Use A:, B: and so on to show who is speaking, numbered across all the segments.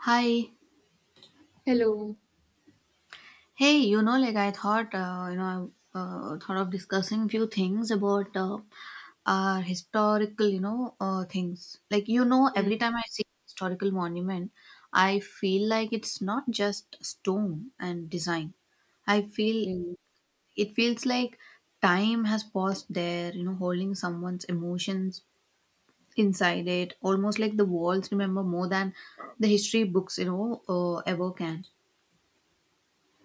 A: Hi.
B: Hello.
A: Hey, you know, like I thought, you know, I thought of discussing few things about our historical, things. Like, you know,
B: Mm.
A: every time I see historical monument, I feel like it's not just stone and design. I feel
B: Mm.
A: it feels like time has paused there, you know, holding someone's emotions inside it, almost like the walls remember more than the history books, ever can.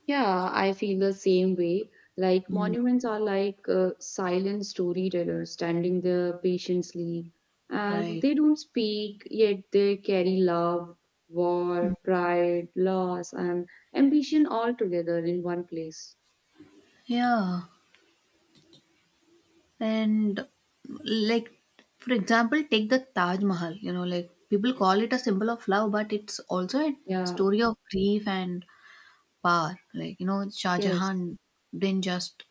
B: Yeah, I feel the same way. Like
A: Mm,
B: monuments are like silent storytellers standing there patiently, and
A: right.
B: they don't speak, yet they carry love, war, pride, loss, and ambition all together in one place.
A: Yeah. And like for example, take the Taj Mahal, you know, like people call it a symbol of love, but it's also a
B: Yeah,
A: story of grief and power. Like, you know, Shah
B: yes.
A: Jahan didn't just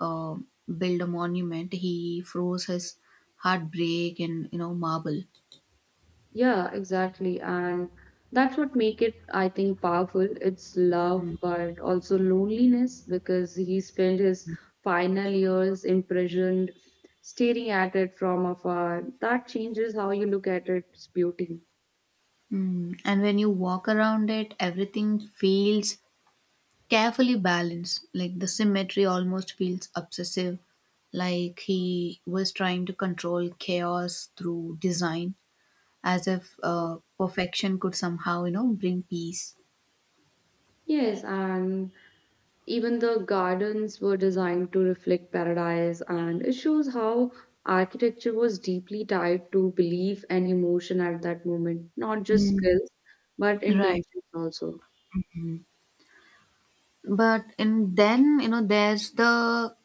A: uh, build a monument, he froze his heartbreak in, you know, marble.
B: Yeah, exactly. And that's what make it, I think, powerful. It's love,
A: Mm.
B: but also loneliness because he spent his final years imprisoned, staring at it from afar. That changes how you look at its beauty.
A: Mm. And when you walk around it, everything feels carefully balanced, like the symmetry almost feels obsessive, like he was trying to control chaos through design, as if perfection could somehow, you know, bring peace.
B: Yes, and even the gardens were designed to reflect paradise, and it shows how architecture was deeply tied to belief and emotion at that moment, not just
A: Mm.
B: skills, but
A: Right.
B: intentions also.
A: But and then, you know, there's the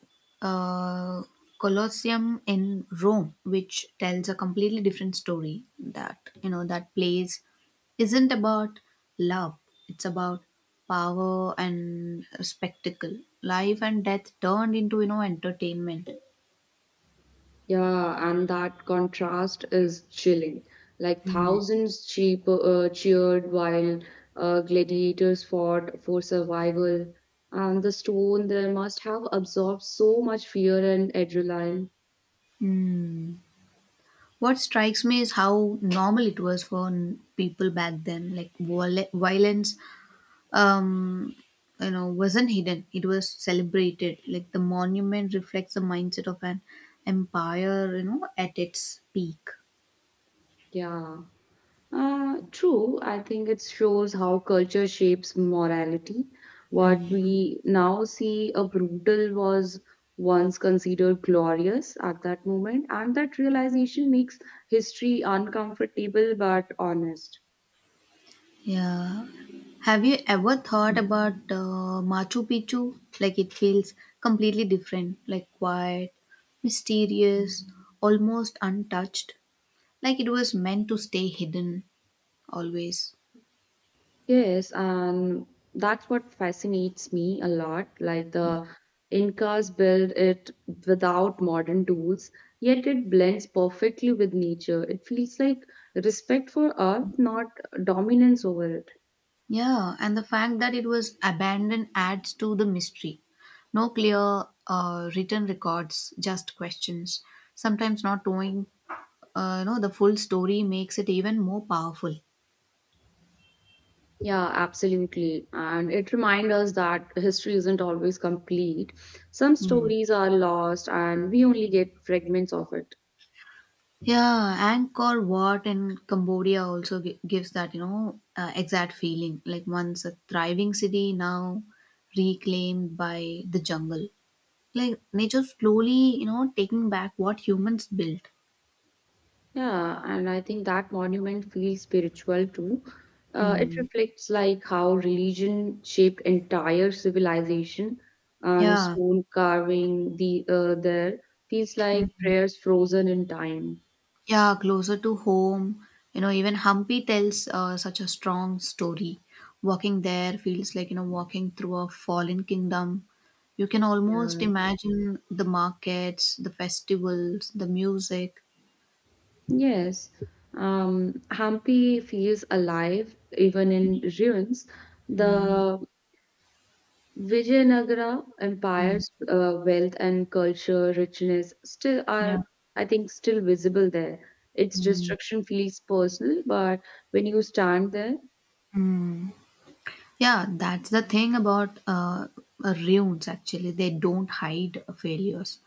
A: uh, Colosseum in Rome, which tells a completely different story. That, you know, that place isn't about love; it's about power and spectacle, life and death turned into, you know, entertainment.
B: Yeah, and that contrast is chilling. Like
A: Mm.
B: thousands cheered while gladiators fought for survival, and the stone there must have absorbed so much fear and adrenaline.
A: Mm. What strikes me is how normal it was for people back then, like violence um you know wasn't hidden, it was celebrated, like the monument reflects the mindset of an empire, you know, at its peak.
B: Yeah. True. I think it shows how culture shapes morality. What
A: Mm.
B: we now see a brutal was once considered glorious at that moment, and that realization makes history uncomfortable but honest.
A: Yeah, have you ever thought about Machu Picchu? Like it feels completely different, like quiet, mysterious, almost untouched, like it was meant to stay hidden always.
B: Yes, and that's what fascinates me a lot. Like the Incas built it without modern tools, yet it blends perfectly with nature. It feels like respect for earth, not dominance over it.
A: Yeah, and the fact that it was abandoned adds to the mystery. No clear written records, just questions. Sometimes not knowing, the full story makes it even more powerful.
B: Yeah, absolutely. And it reminds us that history isn't always complete. Some
A: Hmm.
B: stories are lost, and we only get fragments of it.
A: Yeah, Angkor Wat in Cambodia also gives that, exact feeling. Like once a thriving city, now reclaimed by the jungle. Like nature slowly, you know, taking back what humans built.
B: Yeah, and I think that monument feels spiritual too. It
A: Hmm.
B: reflects like how religion shaped entire civilization, and
A: Yeah.
B: stone carving the there feels like prayers frozen in time.
A: Yeah, closer to home. You know, even Hampi tells such a strong story. Walking there feels like, you know, walking through a fallen kingdom. You can almost
B: Yeah.
A: imagine the markets, the festivals, the music.
B: Yes. Hampi feels alive even in ruins. The Vijayanagara empire's wealth and culture richness still
A: Yeah.
B: are, I think, still visible there. Its destruction feels personal, but when you stand there.
A: Yeah, that's the thing about ruins actually. They don't hide failures.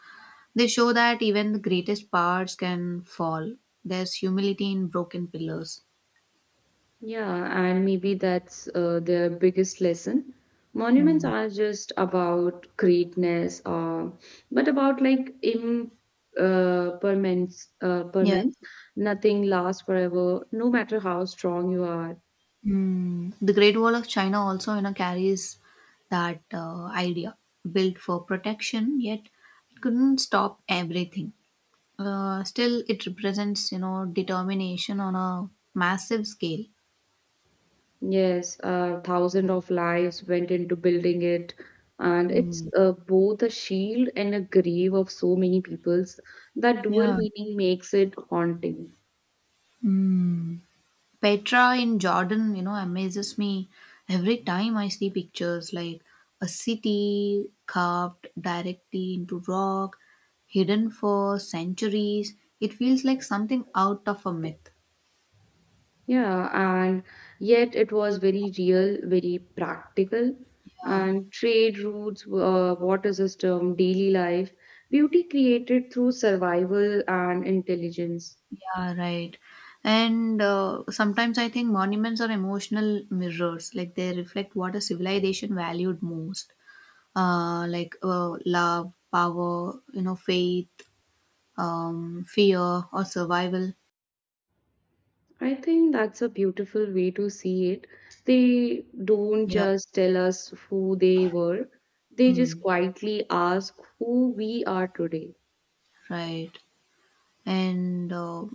A: They show that even the greatest parts can fall. There's humility in broken pillars.
B: Yeah, and maybe that's their biggest lesson. Monuments
A: Hmm.
B: are just about greatness, but about like impermanence. Permanence,
A: Yeah.
B: permanence. Nothing lasts forever, no matter how strong you are.
A: Mm, the Great Wall of China also, you know, carries that idea, built for protection, yet it couldn't stop everything. Still, it represents, you know, determination on a massive scale.
B: Yes, thousands of lives went into building it, and it's
A: Mm,
B: both a shield and a grave of so many peoples. That dual
A: yeah.
B: meaning makes it haunting.
A: Mm. Petra in Jordan, you know, amazes me every time I see pictures, like a city carved directly into rock, hidden for centuries. It feels like something out of a myth.
B: Yeah, and yet it was very real, very practical,
A: Yeah,
B: and trade routes, water system, daily life, beauty created through survival and intelligence.
A: yeah, right. And sometimes I think monuments are emotional mirrors, like they reflect what a civilization valued most, like love, power, you know, faith, fear, or survival.
B: I think that's a beautiful way to see it. They don't
A: Yeah.
B: just tell us who they were, they just
A: Mm,
B: quietly ask who we are today.
A: right. And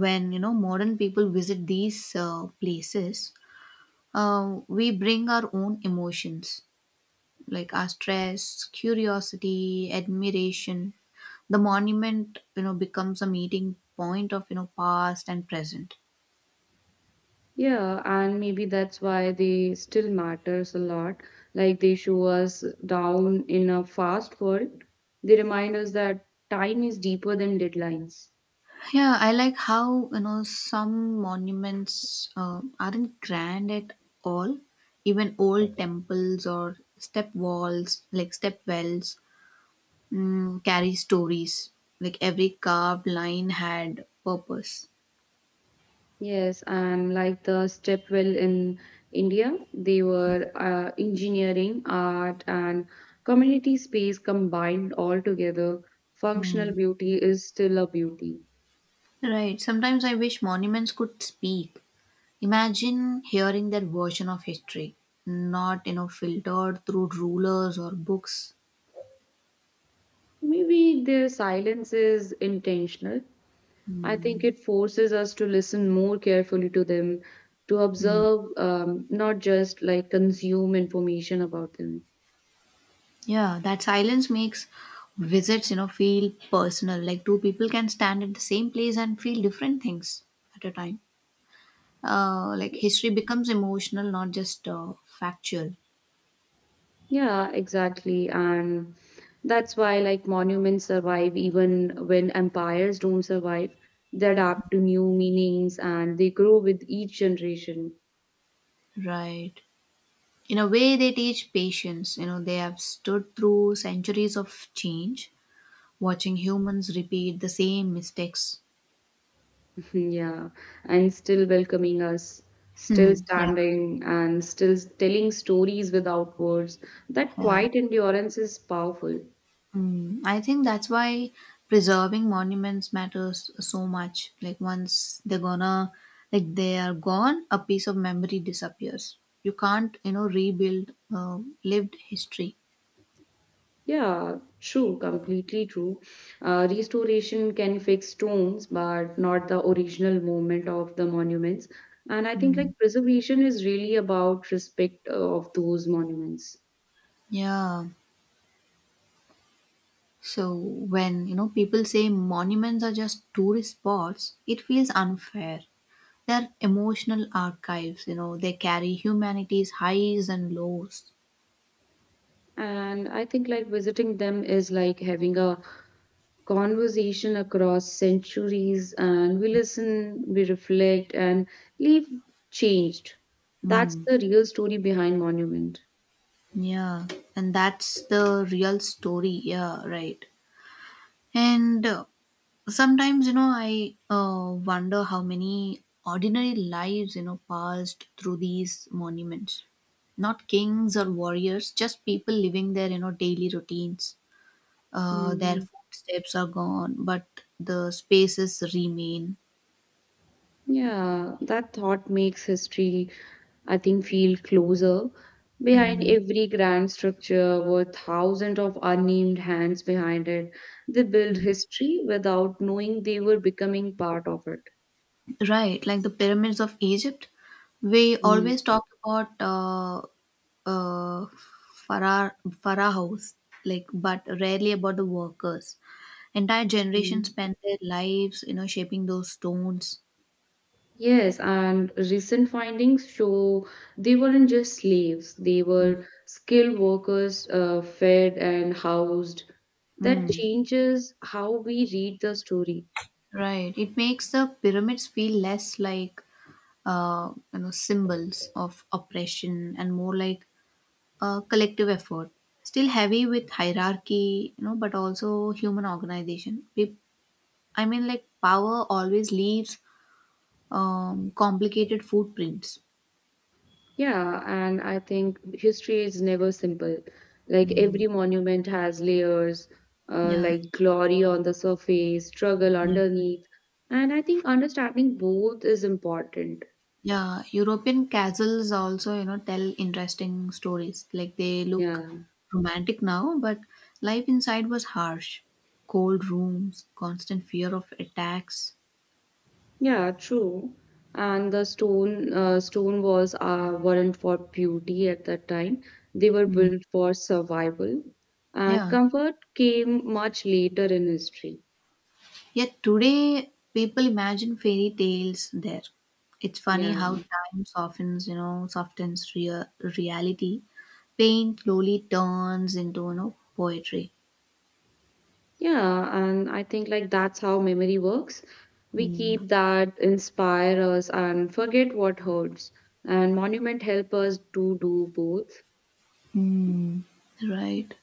A: when, you know, modern people visit these places, we bring our own emotions, like our stress, curiosity, admiration. The monument, you know, becomes a meeting point of, you know, past and present.
B: Yeah, and maybe that's why they still matters a lot. Like they show us down in a fast world, they remind us that time is deeper than deadlines.
A: Yeah, I like how, you know, some monuments aren't grand at all. Even old temples or step walls, like step wells, mm, carry stories. Like every carved line had purpose.
B: Yes, and like the stepwell in India, they were engineering, art, and community space combined all together. Functional
A: Mm.
B: beauty is still a beauty.
A: Right. Sometimes I wish monuments could speak. Imagine hearing their version of history, not, you know, filtered through rulers or books.
B: Maybe their silence is intentional. I think
A: Mm.
B: it forces us to listen more carefully to them, to
A: Mm.
B: observe, not just like consume information about them.
A: Yeah, that silence makes visits, you know, feel personal. Like two people can stand at the same place and feel different things at a time. Like history becomes emotional, not just factual.
B: Yeah, exactly. And that's why like monuments survive even when empires don't survive. They adapt to new meanings and they grow with each generation.
A: Right. In a way, they teach patience, you know, they have stood through centuries of change, watching humans repeat the same mistakes.
B: Yeah. And still welcoming us, still
A: Hmm. Yeah.
B: standing and still telling stories without words. That
A: Yeah.
B: quiet endurance is powerful.
A: Hmm. I think that's why preserving monuments matters so much, like once they're gonna like they are gone, a piece of memory disappears. You can't, you know, rebuild lived history.
B: Yeah, true, completely true. Restoration can fix stones, but not the original movement of the monuments. And I think
A: Mm,
B: like preservation is really about respect of those monuments.
A: yeah. So when, you know, people say monuments are just tourist spots, it feels unfair. They're emotional archives, you know, they carry humanity's highs and lows.
B: And I think like visiting them is like having a conversation across centuries, and we listen, we reflect, and leave changed. That's
A: Hmm.
B: the real story behind monument.
A: Yeah, and that's the real story. Yeah, right. And sometimes, you know, I wonder how many ordinary lives, you know, passed through these monuments. Not kings or warriors, just people living their, you know, daily routines. Their
B: Mhm.
A: footsteps are gone, but the spaces remain.
B: Yeah, that thought makes history, I think, feel closer. Behind
A: Mm.
B: every grand structure were thousands of unnamed hands behind it. They built history without knowing they were becoming part of it.
A: Right, like the pyramids of Egypt. We
B: Mm.
A: always talk about uh, phara- pharaohs, like, but rarely about the workers. Entire generations
B: Mm.
A: spent their lives, you know, shaping those stones.
B: Yes, and recent findings show they weren't just slaves, they
A: Mm.
B: were skilled workers, fed and housed. That
A: Mm.
B: changes how we read the story.
A: Right. It makes the pyramids feel less like, you know, symbols of oppression and more like a collective effort. Still heavy with hierarchy, you know, but also human organization. I mean, like power always leaves complicated footprints.
B: Yeah, and I think history is never simple. Like
A: Mm.
B: every monument has layers,
A: Yeah,
B: like glory on the surface, struggle
A: yeah,
B: underneath. And I think understanding both is important.
A: yeah. European castles also, you know, tell interesting stories. Like they look
B: Yeah,
A: romantic now, but life inside was harsh. Cold rooms, constant fear of attacks.
B: yeah, true. And the stone walls weren't for beauty at that time. They were
A: Mm.
B: built for survival. And
A: Yeah.
B: comfort came much later in history.
A: Yet today, people imagine fairy tales there. It's funny
B: Yeah.
A: how time softens, you know, reality. Pain slowly turns into, you know, poetry.
B: Yeah, and I think like that's how memory works. We
A: Mm.
B: keep that inspire us and forget what hurts. And monument help us to do both.
A: Hmm. Right.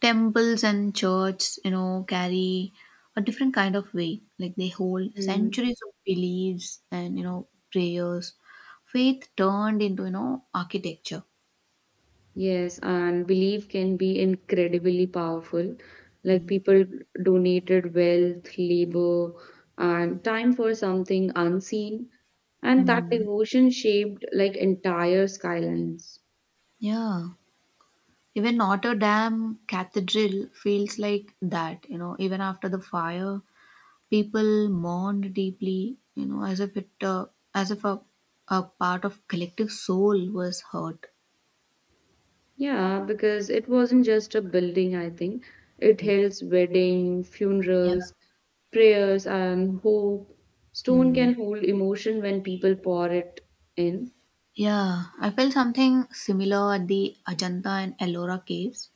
A: Temples and churches, you know, carry a different kind of weight. Like they hold
B: Mm.
A: centuries of beliefs and, you know, prayers. Faith turned into, you know, architecture.
B: Yes, and belief can be incredibly powerful. Like people donated wealth, labor, and time for something unseen, and that
A: Mm.
B: devotion shaped like entire skylines.
A: Yeah. Even Notre Dame Cathedral feels like that, you know, even after the fire, people mourned deeply, you know, as if a part of collective soul was hurt.
B: Yeah, because it wasn't just a building, I think. It held wedding,
A: Yeah.
B: funerals, prayers, and hope. Stone can
A: Mm.
B: hold emotion when people pour it in.
A: Yeah, I felt something similar at the Ajanta and Ellora caves.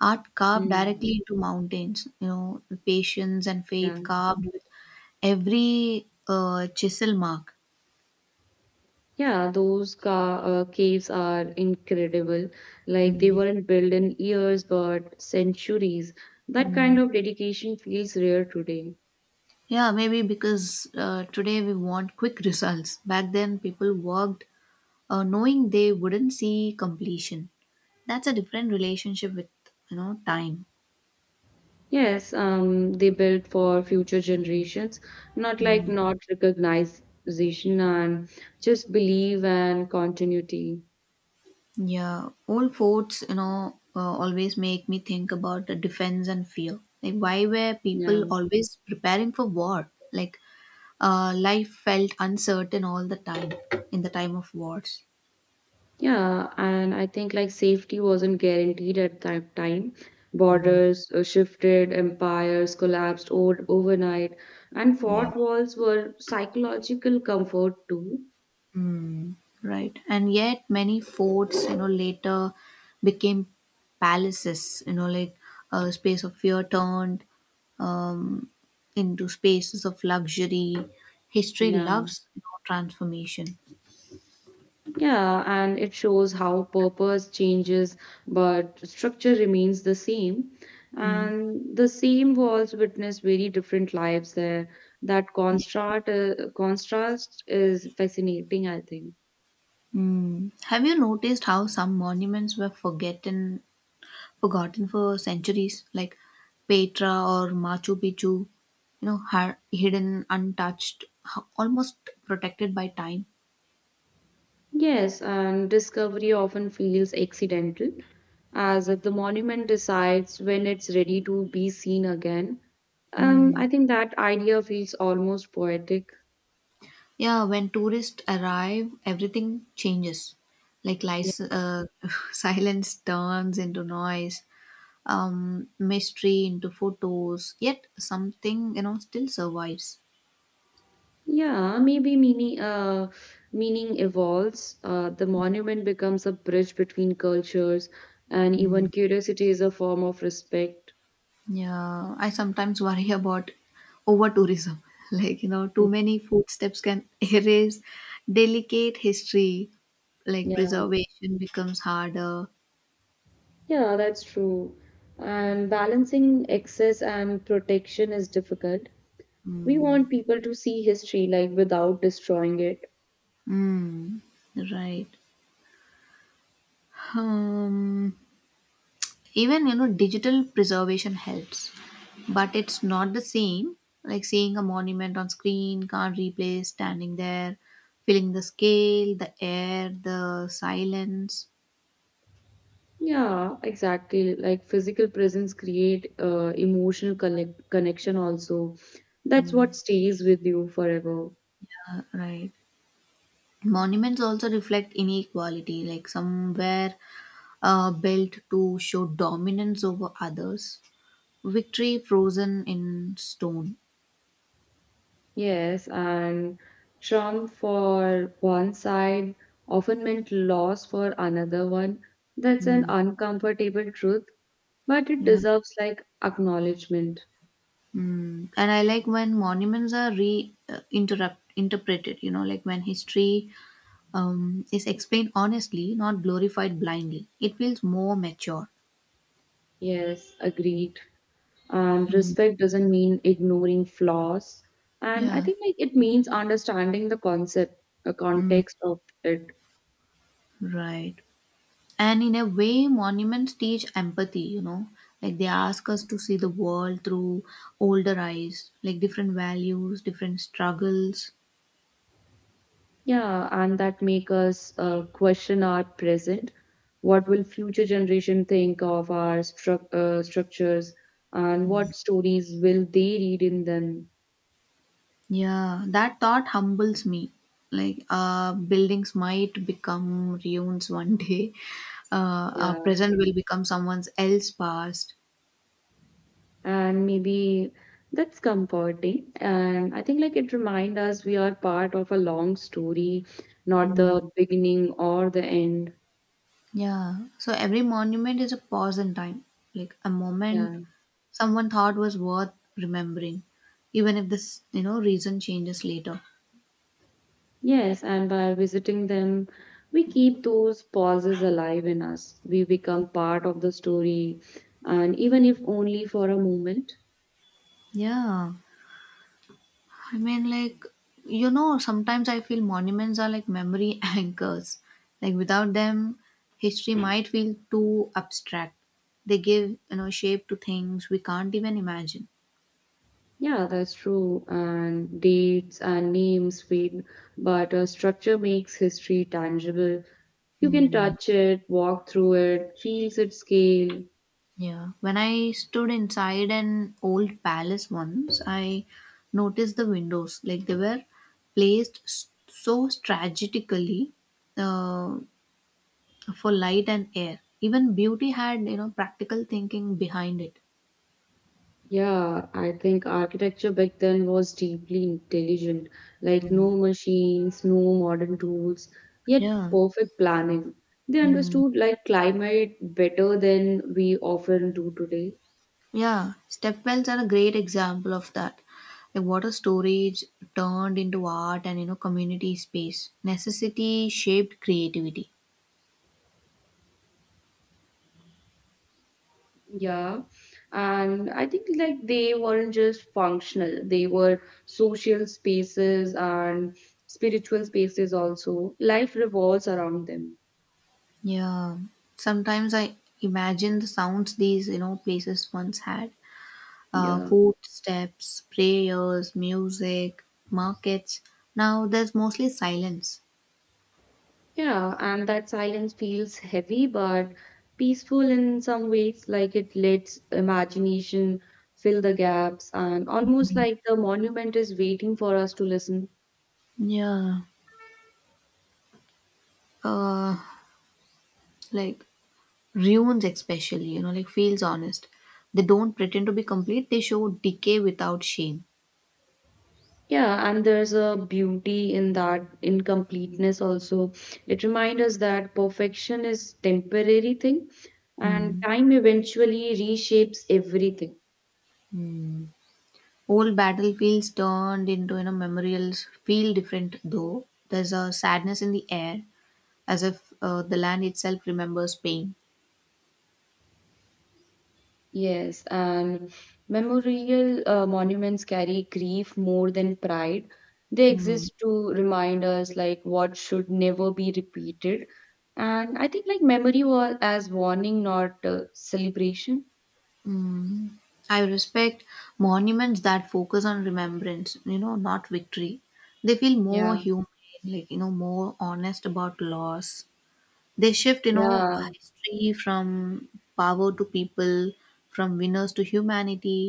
A: Art carved
B: Mm,
A: directly into mountains, you know, the patience and faith
B: yeah.
A: carved with every chisel mark.
B: Yeah, those ca caves are incredible. Like they
A: Mm.
B: weren't built in years but centuries. That kind
A: Mm.
B: of dedication feels rare today.
A: Yeah, maybe because today we want quick results. Back then, people worked knowing they wouldn't see completion. That's a different relationship with, you know, time.
B: Yes, they built for future generations, not like
A: Mm.
B: not recognition and just believe and continuity.
A: Yeah, old forts, you know, always make me think about the defense and fear. Like, why were
B: Yeah.
A: people always preparing for war? Like, life felt uncertain all the time in the time of wars.
B: Yeah, and I think like safety wasn't guaranteed at that time. Borders shifted, empires collapsed overnight, and
A: Yeah.
B: fort walls were psychological comfort too.
A: Mm, right. And yet many forts, you know, later became palaces, you know, like a space of fear turned um, into spaces of luxury. History
B: Yeah.
A: loves, you know, transformation.
B: Yeah, and it shows how purpose changes, but structure remains the same.
A: Mm.
B: And the same walls witness very different lives there. That
A: Yeah.
B: contrast is fascinating, I think.
A: Mm. Have you noticed how some monuments were forgotten, forgotten for centuries, like Petra or Machu Picchu? You know, hidden, untouched, almost protected by time.
B: Yes, and discovery often feels accidental, as if the monument decides when it's ready to be seen again. I
A: Mm.
B: think that idea feels almost poetic.
A: Yeah, when tourists arrive, everything changes. Like silence turns into noise, mystery into photos. Yet something, you know, still survives.
B: Yeah, maybe meaning evolves. The monument becomes a bridge between cultures, and
A: Mm.
B: even curiosity is a form of respect.
A: Yeah, I sometimes worry about over tourism. Like, you know, too many footsteps can erase delicate history. Like
B: Yeah,
A: preservation becomes harder.
B: yeah, that's true. And balancing excess and protection is difficult. We want
A: Mm.
B: people to see history like without destroying it.
A: Mm. Right. Um. Even, you know, digital preservation helps, but it's not the same. Like seeing a monument on screen can't replace standing there, feeling the scale, the air, the silence.
B: Yeah, exactly. Like physical presence create emotional connection also. That's what stays with you forever.
A: Right. Monuments also reflect inequality, like somewhere built to show dominance over others. Victory frozen in stone.
B: Yes, and Trump for one side often meant loss for another one. That's an
A: Mm,
B: uncomfortable truth, but it
A: yeah.
B: deserves like acknowledgement.
A: Mm. And I like when monuments are re interrupt interpreted. You know, like when history is explained honestly, not glorified blindly. It feels more mature.
B: Yes, agreed. And
A: Mm.
B: respect doesn't mean ignoring flaws. And I
A: Yeah.
B: think like it means understanding the concept, the
A: Mm,
B: context of it.
A: right. And in a way, monuments teach empathy, you know, like they ask us to see the world through older eyes, like different values, different struggles.
B: Yeah, and that make us question our present. What will future generation think of our structures, and what
A: Mm.
B: stories will they read in them?
A: Yeah, that thought humbles me. Like, buildings might become ruins one day. Our
B: Yeah,
A: present will become someone else's past.
B: and maybe that's comforting. And I think like it reminds us we are part of a long story, not
A: Mm.
B: the beginning or the end.
A: Yeah. So every monument is a pause in time, like a moment
B: Yeah.
A: someone thought was worth remembering, even if this, you know, reason changes later.
B: Yes, and by visiting them, we keep those pauses alive in us. We become part of the story, and even if only for a moment.
A: Yeah. I mean, like, you know, sometimes I feel monuments are like memory anchors. Like, without them, history Hmm. might feel too abstract. They give, you know, shape to things we can't even imagine.
B: Yeah, that's true. And dates and names fade, but a structure makes history tangible. You can
A: Hmm.
B: touch it, walk through it, feel its scale.
A: Yeah. When I stood inside an old palace once, I noticed the windows. Like, they were placed so strategically uh, for light and air. Even beauty had, you know, practical thinking behind it.
B: Yeah, I think architecture back then was deeply intelligent, like no machines, no modern tools, yet
A: Yeah.
B: perfect planning. They
A: Mm.
B: understood like climate better than we often do today.
A: Yeah. Step wells are a great example of that. Like water storage turned into art and, you know, community space. Necessity shaped creativity.
B: Yeah, and I think like they weren't just functional, they were social spaces and spiritual spaces also. Life revolves around them.
A: Yeah. Sometimes I imagine the sounds these, you know, places once had.
B: Yeah.
A: Footsteps, prayers, music, markets. Now there's mostly silence.
B: Yeah, and that silence feels heavy but peaceful in some ways, like it lets imagination fill the gaps and almost like the monument is waiting for us to listen.
A: Yeah. Uh, like ruins especially, you know, like feels honest. They don't pretend to be complete, they show decay without shame.
B: Yeah, and there's a beauty in that incompleteness also. It reminds us that perfection is temporary thing and
A: Mm,
B: time eventually reshapes everything.
A: mm, old battlefields turned into, you know, memorials feel different, though there's a sadness in the air, as if the land itself remembers pain.
B: Yes, and memorial monuments carry grief more than pride. They
A: Mm.
B: exist to remind us like what should never be repeated. And I think like memory was as warning, not celebration.
A: Mm. I respect monuments that focus on remembrance, you know, not victory. They feel more
B: Yeah,
A: human, like, you know, more honest about loss. They shift, you know,
B: yeah,
A: history from power to people, from winners to humanity.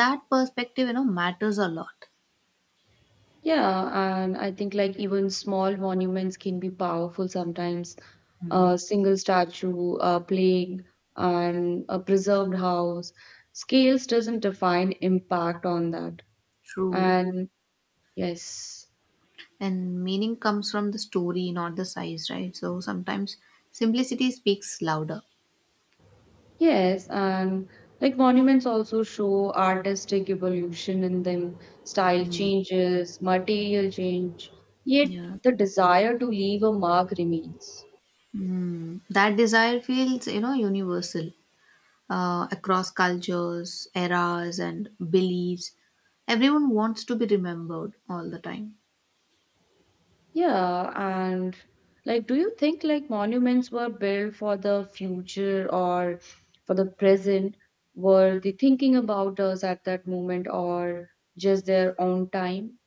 A: That perspective, you know, matters a lot.
B: yeah. And I think like even small monuments can be powerful sometimes. A
A: Mm.
B: single statue, a plaque, and a preserved house. Scales doesn't define impact on that.
A: True,
B: And yes,
A: and meaning comes from the story, not the size, right? So sometimes simplicity speaks louder.
B: yes, and like monuments also show artistic evolution in them, style
A: Mm.
B: changes, material change, yet
A: Yeah.
B: the desire to leave a mark remains.
A: Mm. That desire feels, you know, universal across cultures, eras and beliefs. Everyone wants to be remembered all the time.
B: Yeah, and like, do you think like monuments were built for the future or for the present? Were they thinking about us at that moment or just their own time?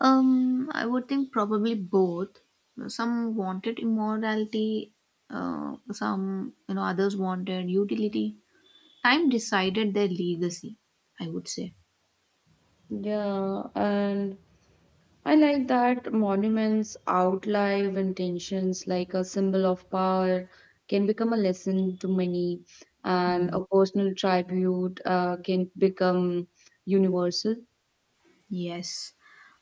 A: I would think probably both. Some wanted immorality, some, you know, others wanted utility. Time decided their legacy. I would say.
B: Yeah, and I like that monuments outlive intentions like a symbol of power can become a lesson to many, and
A: Hmm.
B: a personal tribute can become universal.
A: Yes,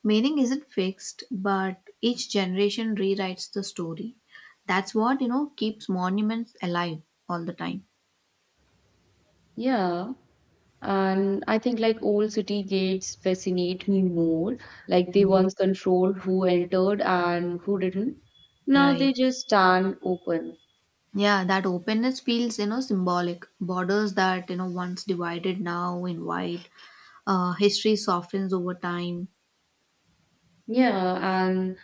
A: meaning isn't fixed, but each generation rewrites the story. That's what, you know, keeps monuments alive all the time.
B: Yeah, and I think like old city gates fascinate me more. Like they
A: Mm.
B: once controlled who entered and who didn't. Now
A: Right.
B: they just stand open.
A: Yeah, that openness feels, you know, symbolic. Borders that, you know, once divided now invite history softens over time.
B: Yeah, and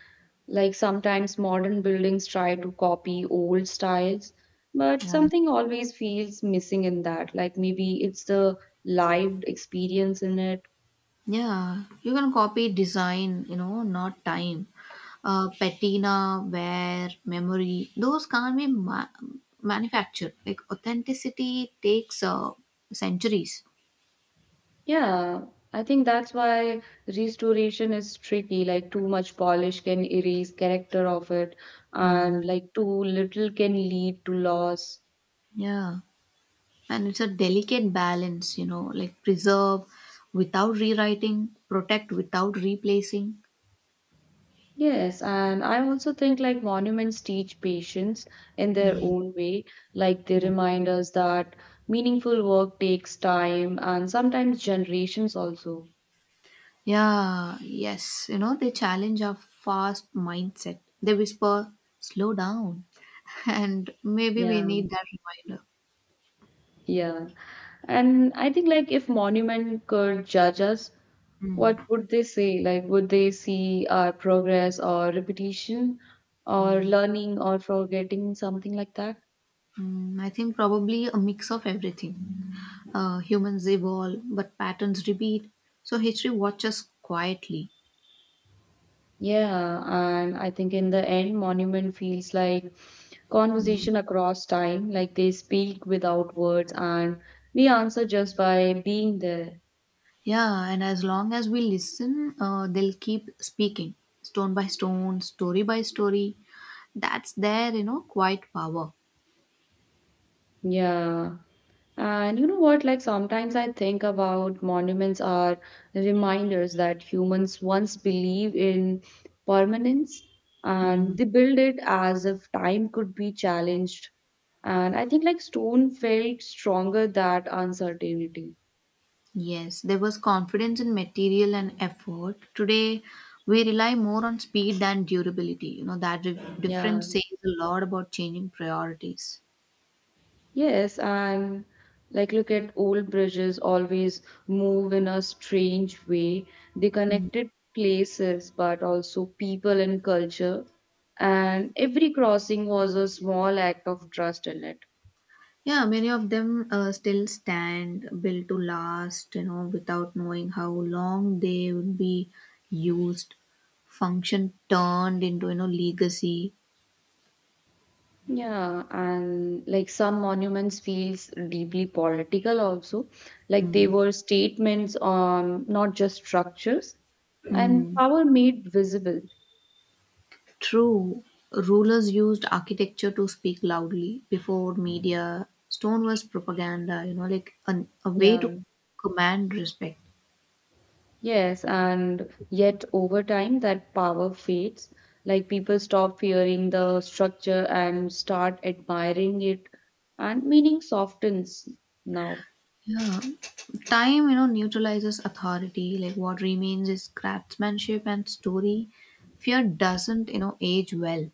B: like sometimes modern buildings try to copy old styles, but
A: Yeah.
B: something always feels missing in that. Like maybe it's the lived experience in it.
A: Yeah, you can copy design, you know, not time. Patina, wear, memory, those can't be manufactured. Like authenticity takes centuries.
B: Yeah, I think that's why restoration is tricky. Like too much polish can erase character of it,
A: Mm.
B: and like too little can lead to loss.
A: Yeah, and it's a delicate balance, you know, like preserve without rewriting, protect without replacing.
B: Yes, and I also think like monuments teach patience in their own way. Like they
A: Mm.
B: remind us that meaningful work takes time and sometimes generations also.
A: Yeah, yes. You know, they challenge our fast mindset. They whisper, slow down. And maybe we
B: Yeah,
A: need that reminder.
B: yeah. And I think like if monument could judge us,
A: Mm,
B: what would they say? Like would they see our progress or repetition or
A: mm,
B: learning or forgetting something like that?
A: mm. I think probably a mix of everything. Humans evolve, but patterns repeat. So history watches quietly.
B: Yeah, and I think in the end, Monument feels like conversation across time, like they speak without words, and we answer just by being there.
A: Yeah, and as long as we listen, they'll keep speaking, stone by stone, story by story. That's their, you know, quiet power.
B: Yeah. And you know what? Like sometimes I think about monuments are reminders that humans once believed in permanence and they build it as if time could be challenged. And I think like stone felt stronger that uncertainty.
A: Yes, there was confidence in material and effort. Today, we rely more on speed than durability. You know, that
B: Yeah.
A: difference says a lot about changing priorities.
B: Yes, and like look at old bridges always move in a strange way. They
A: Mm.
B: connected places, but also people and culture. And every crossing was a small act of trust in it.
A: Yeah, many of them still stand built to last, you know, without knowing how long they would be used, function turned into, you know, legacy.
B: Yeah, and like some monuments feels deeply political also. Like they
A: Mm.
B: were statements on not just structures and
A: Mm.
B: power made visible.
A: True, rulers used architecture to speak loudly before media. Stone was propaganda, you know, like a way to
B: Yeah.
A: command respect.
B: Yes, and yet over time that power fades. Like people stop fearing the structure and start admiring it, and meaning softens now.
A: Yeah. Time, you know, neutralizes authority. Like what remains is craftsmanship and story. Fear doesn't, you know, age well.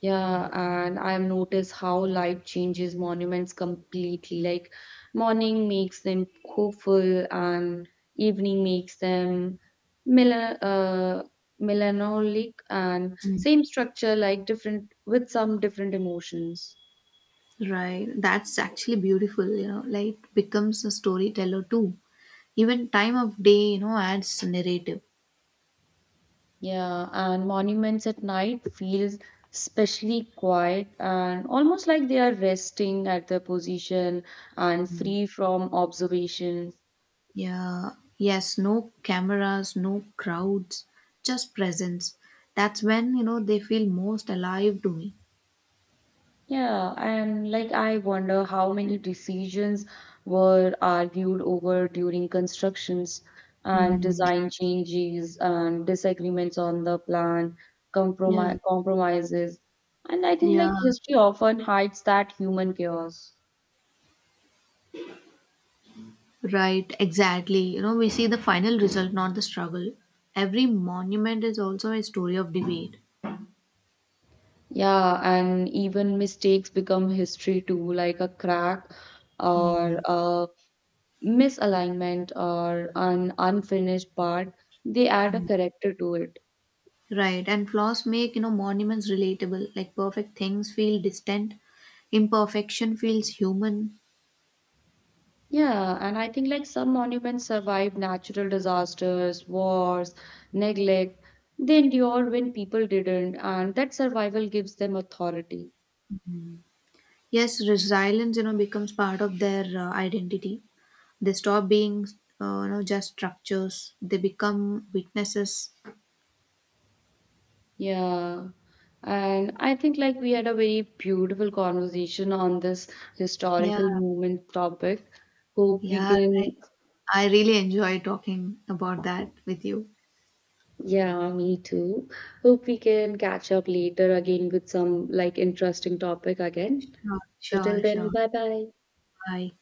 B: Yeah, and I've noticed how light changes monuments completely. Like morning makes them hopeful, and evening makes them mel- uh, melancholic, and
A: Mm.
B: same structure, like different with some different emotions.
A: Right. That's actually beautiful, you know, like it becomes a storyteller too. Even time of day, you know, adds narrative.
B: Yeah, and monuments at night feels especially quiet and almost like they are resting at their position and free from observation.
A: Yeah, yes, no cameras, no crowds, just presence. That's when, you know, they feel most alive to me.
B: Yeah, and like I wonder how many decisions were argued over during constructions and
A: Hmm.
B: design changes and disagreements on the plan,
A: Yeah,
B: compromises. And I think
A: yeah,
B: like history often hides that human chaos.
A: right, exactly. You know, we see the final result, not the struggle. Every monument is also a story of debate.
B: Yeah, and even mistakes become history too, like a crack or
A: Hmm.
B: a misalignment or an unfinished part. They add a character to it.
A: Right, and flaws make, you know, monuments relatable, like perfect things feel distant, imperfection feels human.
B: Yeah, and I think like some monuments survive natural disasters, wars, neglect. They endure when people didn't, and that survival gives them authority.
A: Yes, resilience, you know, becomes part of their identity. They stop being, you know, just structures. They become witnesses.
B: Yeah. And I think like we had a very beautiful conversation on this
A: Yeah,
B: historical moment topic. Hope we
A: yeah. I,
B: can.
A: I really enjoy talking about that with you.
B: Yeah, me too. Hope we can catch up later again with some like interesting topic again.
A: Sure,
B: So till
A: sure, sure.
B: then, bye bye.
A: Bye.